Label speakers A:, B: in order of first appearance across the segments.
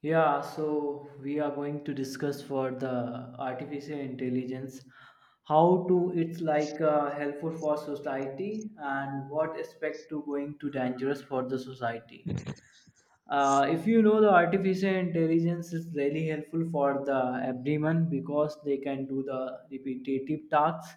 A: Yeah, so we are going to discuss for the artificial intelligence, how to it's like helpful for society and what aspect to going to dangerous for the society. If you know the artificial intelligence is really helpful for the everyone because they can do the repetitive tasks.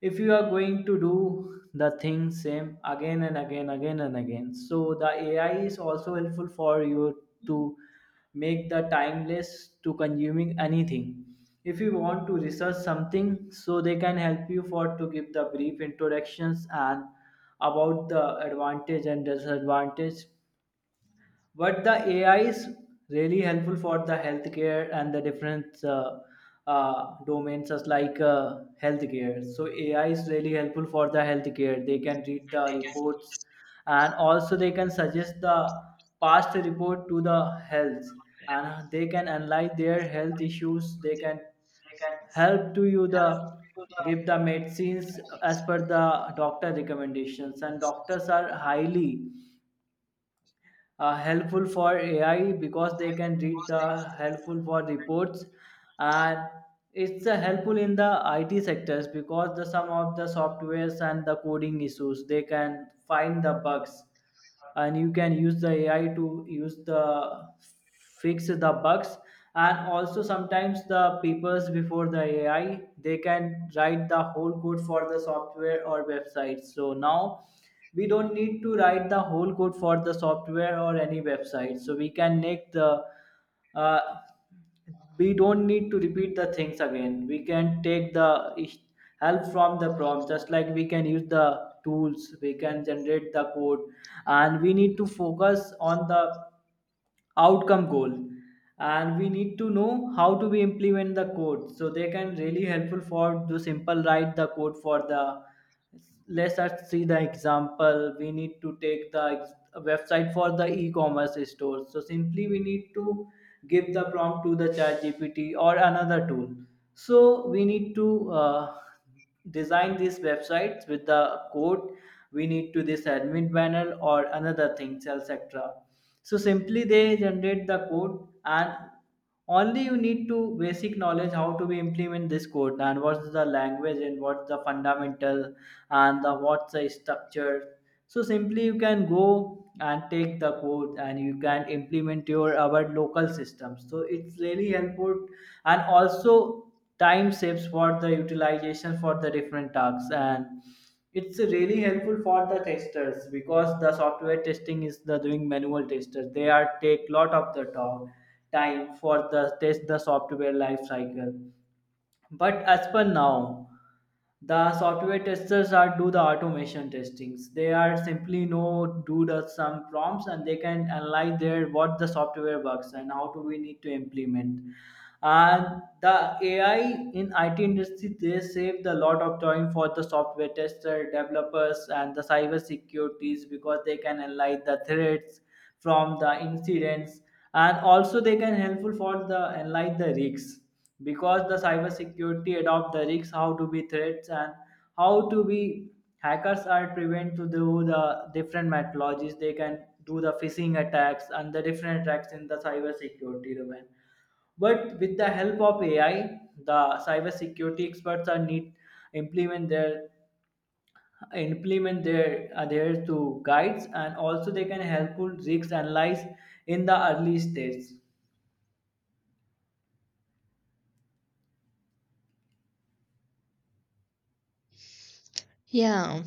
A: If you are going to do the thing same again and again again and again, so the ai is also helpful for you to make the timeless to consuming anything. If you want to research something, so they can help you for to give the brief introductions and about the advantage and disadvantage. But the AI is really helpful for the healthcare and the different domains, just like healthcare. So AI is really helpful for the healthcare. They can read the reports, and also they can suggest the past report to the health, and they can analyze their health issues. They can help to you the give the medicines as per the doctor recommendations, and doctors are highly helpful for AI because they can read the helpful for reports. And it's helpful in the IT sectors because the some of the softwares and the coding issues, they can find the bugs, and you can use the AI to use the fix the bugs. And also sometimes the papers before the AI, they can write the whole code for the software or website. So now we don't need to write the whole code for the software or any website, so we can make the uh, we don't need to repeat the things again. We can take the is- help from the prompt. Just like we can use the tools, we can generate the code, and we need to focus on the outcome goal. And we need to know how to we implement the code, so they can really helpful for to simple write the code for the. Let's just see the example. We need to take the website for the e-commerce store. So simply, we need to give the prompt to the chat gpt or another tool. So we need to design these websites with the code. We need to this admin panel or another things else, etc. So simply they generate the code, and only you need to basic knowledge how to be implement this code, and what's the language, and what's the fundamental, and the what's the structure. So simply, you can go and take the code and you can implement your our local system. So it's really helpful. And also, time saves for the utilization for the different tasks. And it's really helpful for the testers because the software testing is the doing manual testers. They are take lot of the time for the test the software life cycle. But as per now, the software testers are do the automation testings. They are simply know do the some prompts, and they can analyze their what the software works and how do we need to implement. And the ai in it industry, they saved a lot of time for the software tester developers and the cyber securities because they can analyze the threats from the incidents. And also they can helpful for the analyze the risks because the cybersecurity adopt the risks how to be threats and how to be hackers are prevent to do the different methodologies. They can do the phishing attacks and the different attacks in the cybersecurity domain. But with the help of AI, the cybersecurity experts are need implement their implement their uh, to guides. And also they can helpful risks analyze in the early stage.
B: Yeah,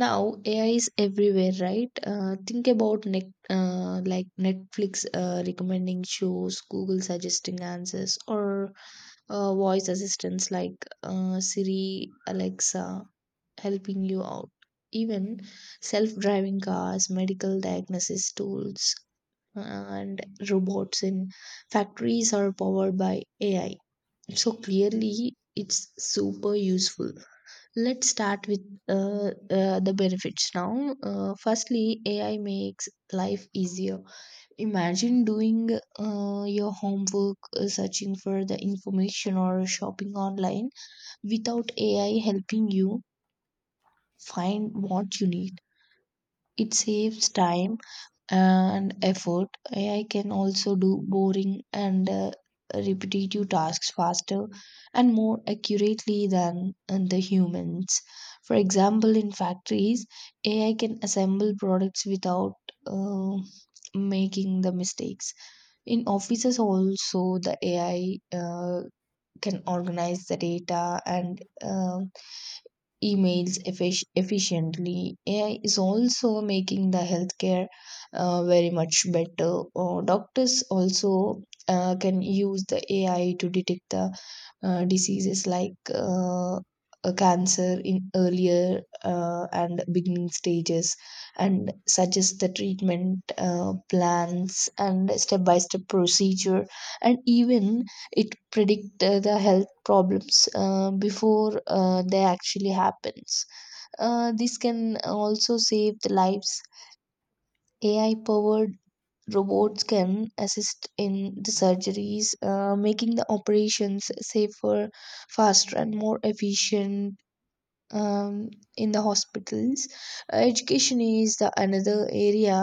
B: now AI is everywhere, right? Like Netflix recommending shows, Google suggesting answers, or voice assistants like Siri, Alexa helping you out. Even self-driving cars, medical diagnosis tools, and robots in factories are powered by AI. So clearly, it's super useful. Let's start with uh, the benefits now. Firstly, AI makes life easier. Imagine doing your homework, searching for the information, or shopping online without AI helping you find what you need. It saves time and effort. AI can also do boring and repetitive tasks faster and more accurately than the humans. For example, in factories, AI can assemble products without uh, making the mistakes. In offices, also, the AI can organize the data and emails efficiently. AI is also making the healthcare very much better. Or doctors also can use the AI to detect the diseases like a cancer in earlier and beginning stages and suggest the treatment plans and step by step procedure, and even it predict the health problems before they actually happens. This can also save the lives. AI powered robots can assist in the surgeries, making the operations safer, faster and more efficient um, in the hospitals. Education is the another area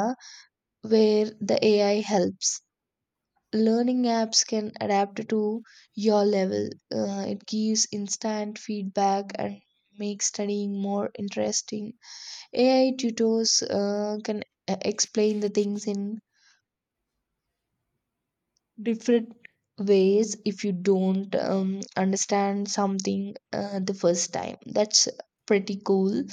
B: where the AI helps. Learning apps can adapt to your level. It gives instant feedback and makes studying more interesting. AI tutors can explain the things in different ways if you don't understand something the first time. That's pretty cool.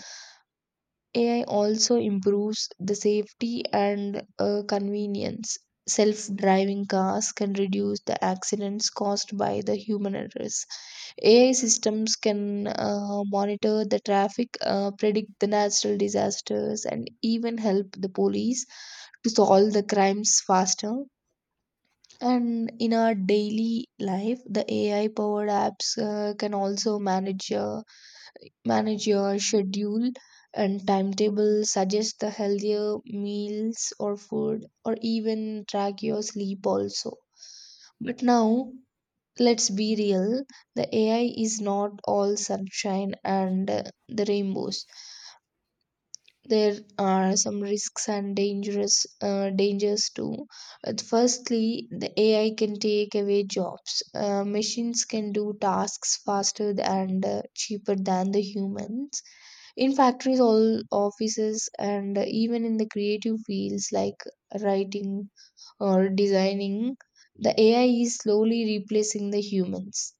B: AI also improves the safety and convenience. Self driving cars can reduce the accidents caused by the human errors. AI systems can monitor the traffic, predict the natural disasters, and even help the police to solve the crimes faster. And in our daily life, the AI powered apps can also manage your schedule and timetable, suggest the healthier meals or food, or even track your sleep also. But now, let's be real, the AI is not all sunshine and the rainbows. There are some risks and dangerous dangers too. But firstly, the AI can take away jobs. Machines can do tasks faster and cheaper than the humans. In factories, all offices, and even in the creative fields like writing or designing, the AI is slowly replacing the humans.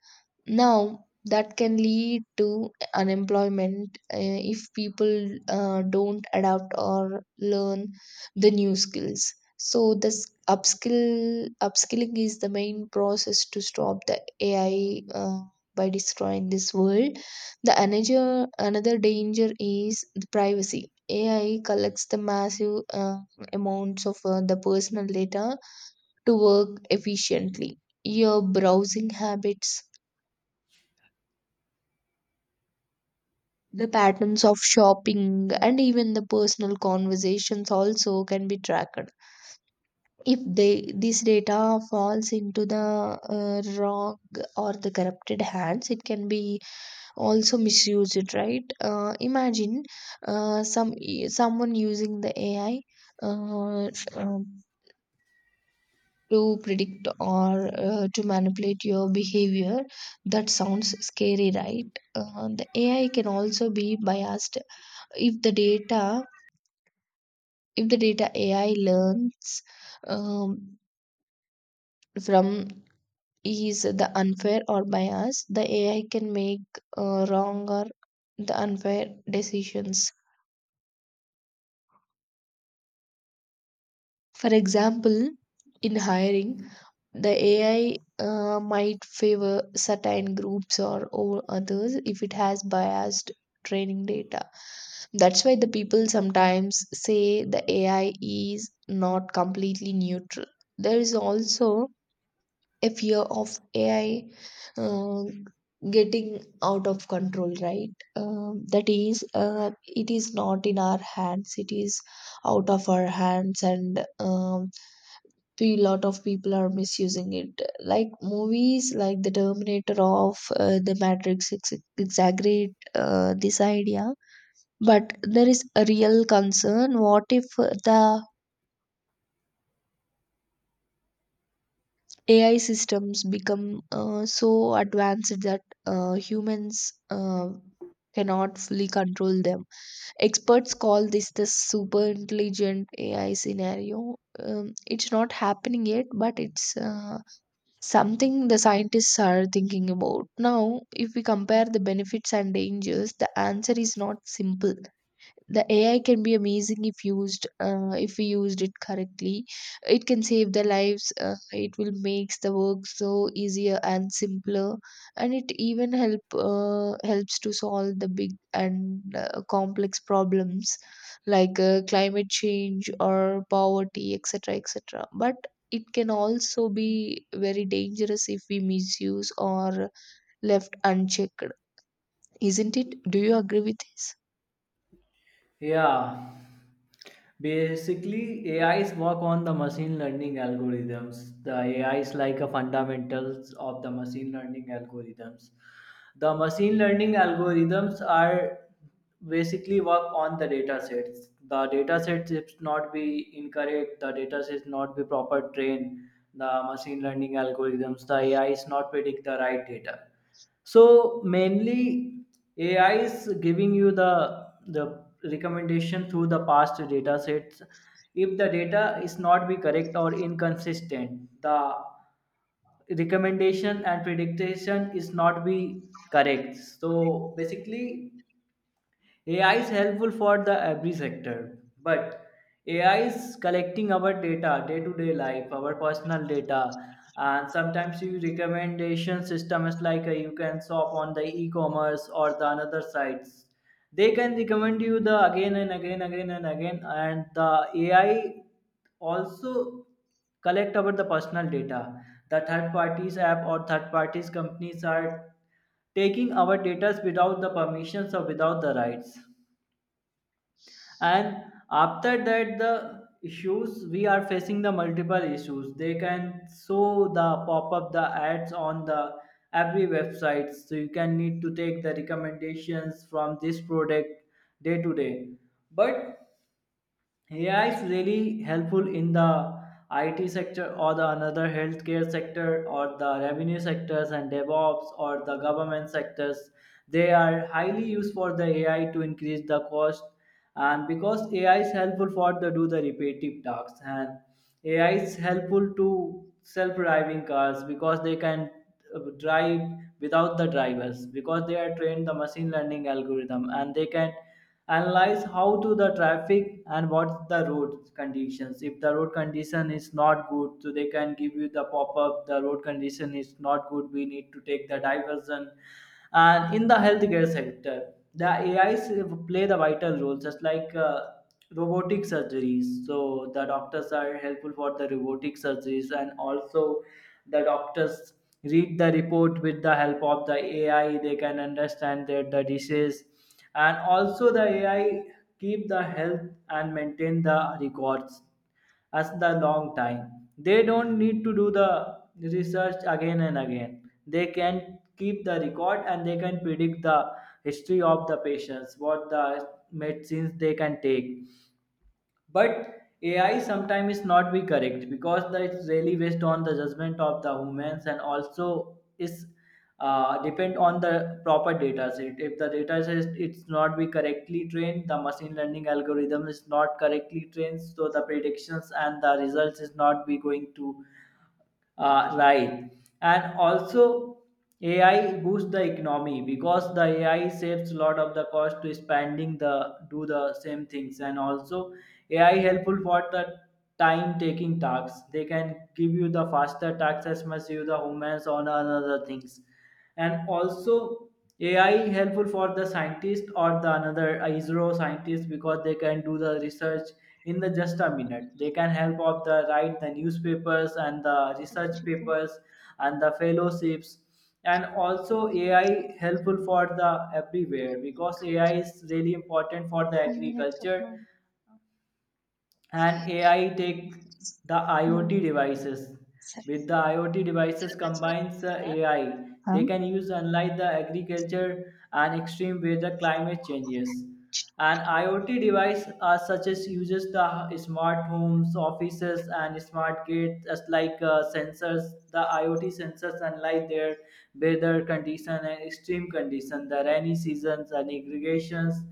B: Now, that can lead to unemployment if people don't adapt or learn the new skills. So, this upskilling is the main process to stop the AI by destroying this world. The another danger is the privacy. AI collects the massive amounts of the personal data to work efficiently. Your browsing habits, the patterns of shopping and even the personal conversations also can be tracked. If they, this data falls into the wrong or the corrupted hands, it can be also misused, right? Imagine uh, some someone using the AI uh, um, to predict or to manipulate your behavior. That sounds scary, right? The AI can also be biased. If the data if the data AI learns um, from is the unfair or bias, the AI can make wrong or the unfair decisions. For example, in hiring, the AI might favor certain groups or over others if it has biased training data. That's why the people sometimes say the AI is not completely neutral. There is also a fear of AI uh, getting out of control, right? That is, it is not in our hands, it is out of our hands, and a lot of people are misusing it. Like movies like The Terminator of The Matrix exaggerate this idea, but there is a real concern. What if the AI systems become so advanced that humans cannot fully control them. Experts call this the super intelligent AI scenario. It's not happening yet, but it's something the scientists are thinking about. Now, if we compare the benefits and dangers, the answer is not simple. The AI can be amazing if used if we used it correctly. It can save their lives. It will makes the work so easier and simpler, and it even helps to solve the big and complex problems like climate change or poverty, etc., etc. But it can also be very dangerous if we misuse or left unchecked, isn't it? Do you agree with this?
A: Yeah, basically AIs work on the machine learning algorithms. The AI is like a fundamentals of the machine learning algorithms. The machine learning algorithms are basically work on the data sets. The data sets should not be incorrect, the data sets not be proper trained, the machine learning algorithms, the AI is not predict the right data. So mainly ai is giving you the recommendation through the past data sets. If the data is not be correct or inconsistent, the recommendation and prediction is not be correct. So basically AI is helpful for the every sector, but AI is collecting our data, day-to-day life, our personal data. And sometimes you recommendation systems, like you can shop on the e-commerce or the another sites. They can recommend you the again and again, and the AI also collect about the personal data. The third parties app or third parties companies are taking our data without the permissions or without the rights. And after that, the issues we are facing the multiple issues. They can show the pop up the ads on the every website, so you can need to take the recommendations from this product day to day. But AI is really helpful in the IT sector or the another healthcare sector or the revenue sectors and DevOps or the government sectors. They are highly used for the AI to increase the cost. And because AI is helpful for the do the repetitive tasks, and AI is helpful to self-driving cars because they can drive without the drivers, because they are trained the machine learning algorithm, and they can analyze how to the traffic and what the road conditions. If the road condition is not good, so they can give you the pop-up the road condition is not good, we need to take the diversion. And in the healthcare sector, the AIs play the vital role, just like robotic surgeries. So the doctors are helpful for the robotic surgeries. And also the doctors read the report with the help of the AI. They can understand their the disease. And also the AI keep the health and maintain the records as the long time. They don't need to do the research again and again. They can keep the record, and they can predict the history of the patients, what the medicines they can take. But AI sometimes is not be correct because that is really based on the judgment of the humans, and also is depend on the proper data set. If the data set it's not be correctly trained, the machine learning algorithm is not correctly trained, so the predictions and the results is not be going to right. And also, AI boosts the economy because the AI saves a lot of the cost to spending the do the same things. And also, AI helpful for the time taking tasks. They can give you the faster tasks as much you the humans on another things. And also, AI helpful for the scientist or the another ISRO scientist because they can do the research in the just a minute. They can help of the write the newspapers and the research papers and the fellowships. And also AI helpful for the everywhere because AI is really important for the
B: 5 minutes
A: agriculture.
B: ago.
A: And AI take the
B: Mm.
A: IoT devices. With the IoT devices combines AI,
B: Huh?
A: they can use unlike the agriculture and extreme weather climate changes. And IoT device such as uses the smart homes, offices, and smart gates as like sensors. The IoT sensors unlike their weather condition and extreme condition, the rainy seasons and irrigations.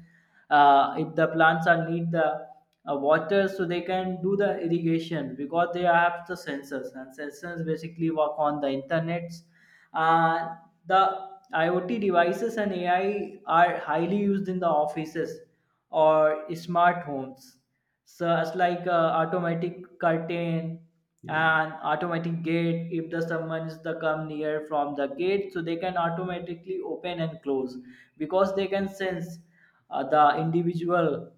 A: If the plants are need the water, so they can do the irrigation because they have the sensors, and sensors basically work on the internets. uh, the iot devices and ai are highly used in the offices or smart homes, such like automatic curtain and automatic gate. If the someone is the come near from the gate, so they can automatically open and close because they can sense the individual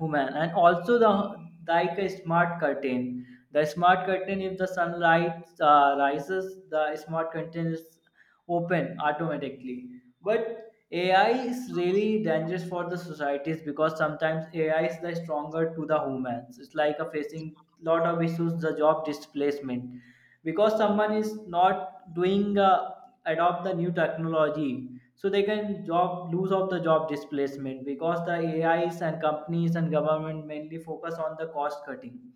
A: human. And also the like a smart curtain, the smart curtain, if the sunlight rises, the smart curtain is open automatically. But AI is really dangerous for the societies because sometimes AI is the stronger to the humans. It's like a facing lot of issues, the job displacement, because someone is not doing adopt the new technology. So they can job lose of the job displacement because the AIs and companies and government mainly focus on the cost cutting.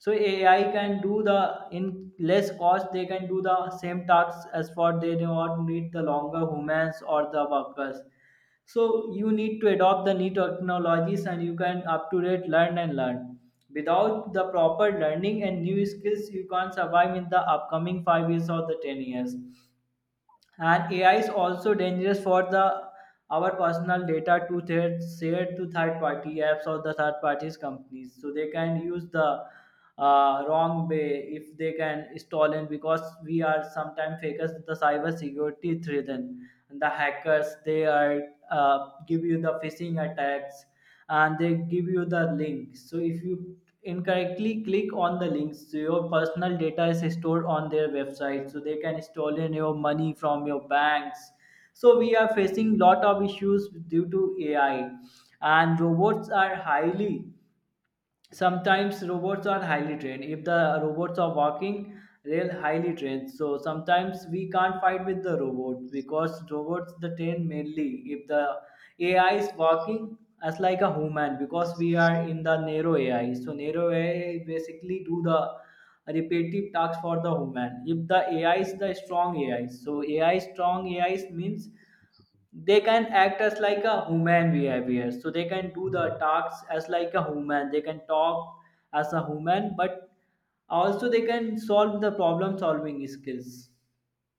A: So ai can do the in less cost, they can do the same tasks, as for they do not need the longer humans or the workers. So you need to adopt the new technologies, and you can up to date learn and learn. Without the proper learning and new skills, you can't survive in the upcoming 5 years or the 10 years. And AI is also dangerous for the our personal data to third, shared to third party apps or the third parties companies. So they can use the wrong way if they can stall in, because we are sometimes fakers with the cyber security threat. And the hackers, they are give you the phishing attacks, and they give you the link. So if you incorrectly click on the links, so your personal data is stored on their website, so they can stolen your money from your banks. So we are facing lot of issues due to ai. And robots are highly sometimes, robots are highly trained. If the robots are walking, they're highly trained. So sometimes we can't fight with the robots because robots the train mainly, if the ai is walking as like a human. Because we are in the narrow ai, so narrow ai basically do the repetitive tasks for the human. If the ai is the strong ai, so ai strong ai means they can act as like a human behavior. So they can do the tasks as like a human, they can talk as a human. But also they can solve the problem solving skills.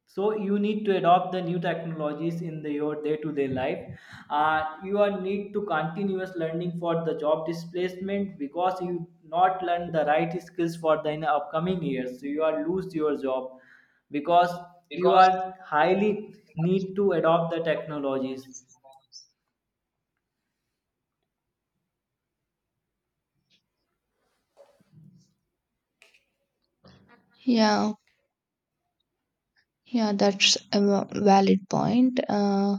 A: So you need to adopt the new technologies in the, your day-to-day life. You are need to continuous learning for the job displacement, because you not learn the right skills for the in upcoming years, so you are lose your job. Because you are highly need to adopt the technologies.
B: Yeah, yeah, that's a valid point.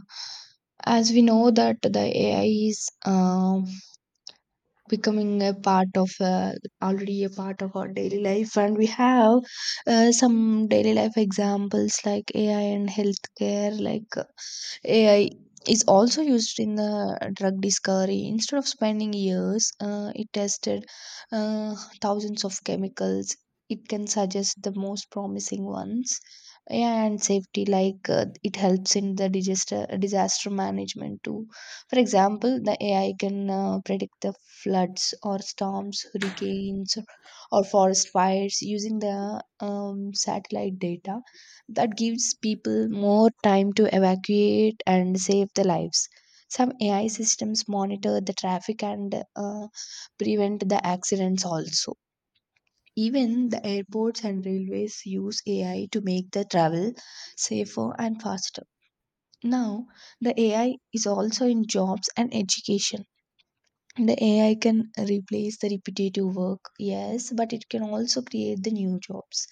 B: As we know that the AI is becoming a part of already a part of our daily life, and we have some daily life examples like AI and healthcare. AI is also used in the drug discovery. Instead of spending years it tested uh, thousands of chemicals, it can suggest the most promising ones. Yeah, and safety like it helps in the disaster management too. For example, the AI can predict the floods or storms, hurricanes, or forest fires using the satellite data. That gives people more time to evacuate and save their lives. Some AI systems monitor the traffic and prevent the accidents also. Even the airports and railways use AI to make the travel safer and faster. Now, the AI is also in jobs and education. The AI can replace the repetitive work, yes, but it can also create the new jobs.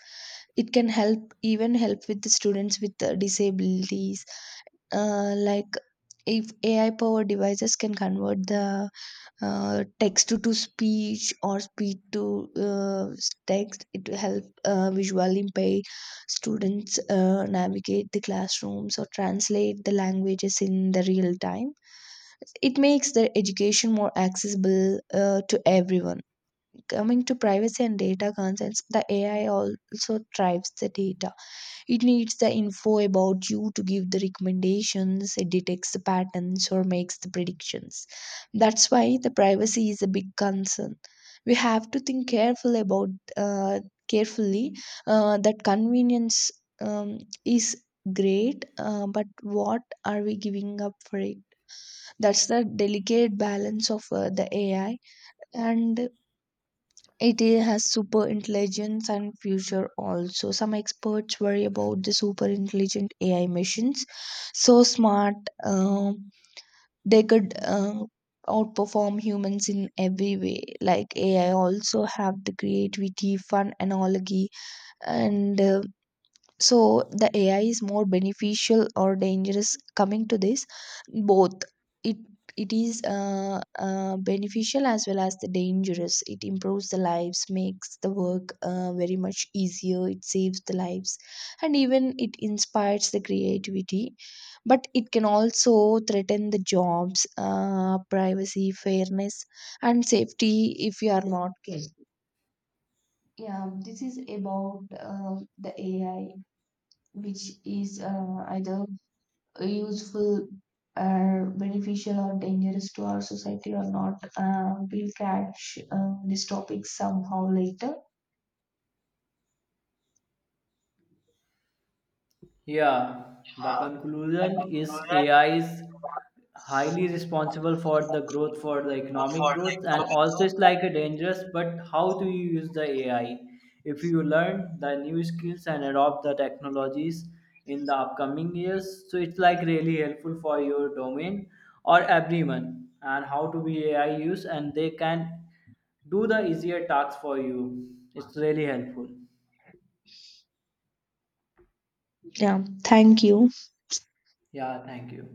B: It can help even help with the students with the disabilities, like if AI powered devices can convert the text to speech or speech to text, it will help visually impaired students navigate the classrooms or translate the languages in the real time. It makes the education more accessible to everyone. Coming to privacy and data concerns, the AI also drives the data. It needs the info about you to give the recommendations, it detects the patterns or makes the predictions. That's why the privacy is a big concern. We have to think carefully about uh, carefully that convenience um, is great, but what are we giving up for it? That's the delicate balance of the AI. And it has super intelligence and future also. Some experts worry about the super intelligent AI machines so smart um, they could outperform humans in every way. Like AI also have the creativity fun analogy. And So the AI is more beneficial or dangerous? Coming to this, both. it it is beneficial as well as the dangerous. It improves the lives, makes the work very much easier, it saves the lives, and even it inspires the creativity. But it can also threaten the jobs, privacy, fairness, and safety if you are not careful. Yeah, this is about the AI, which is either useful or beneficial or dangerous to our society or not. We'll catch these topics somehow later.
A: Yeah, the conclusion is AI is highly responsible for the growth, for the economic growth, and also it's like a dangerous. But how do you use the AI? If you learn the new skills and adopt the technologies in the upcoming years, so it's like really helpful for your domain or everyone. And how to be AI use, and they can do the easier tasks for you. It's really helpful.
B: Yeah, thank you.
A: Yeah, thank you.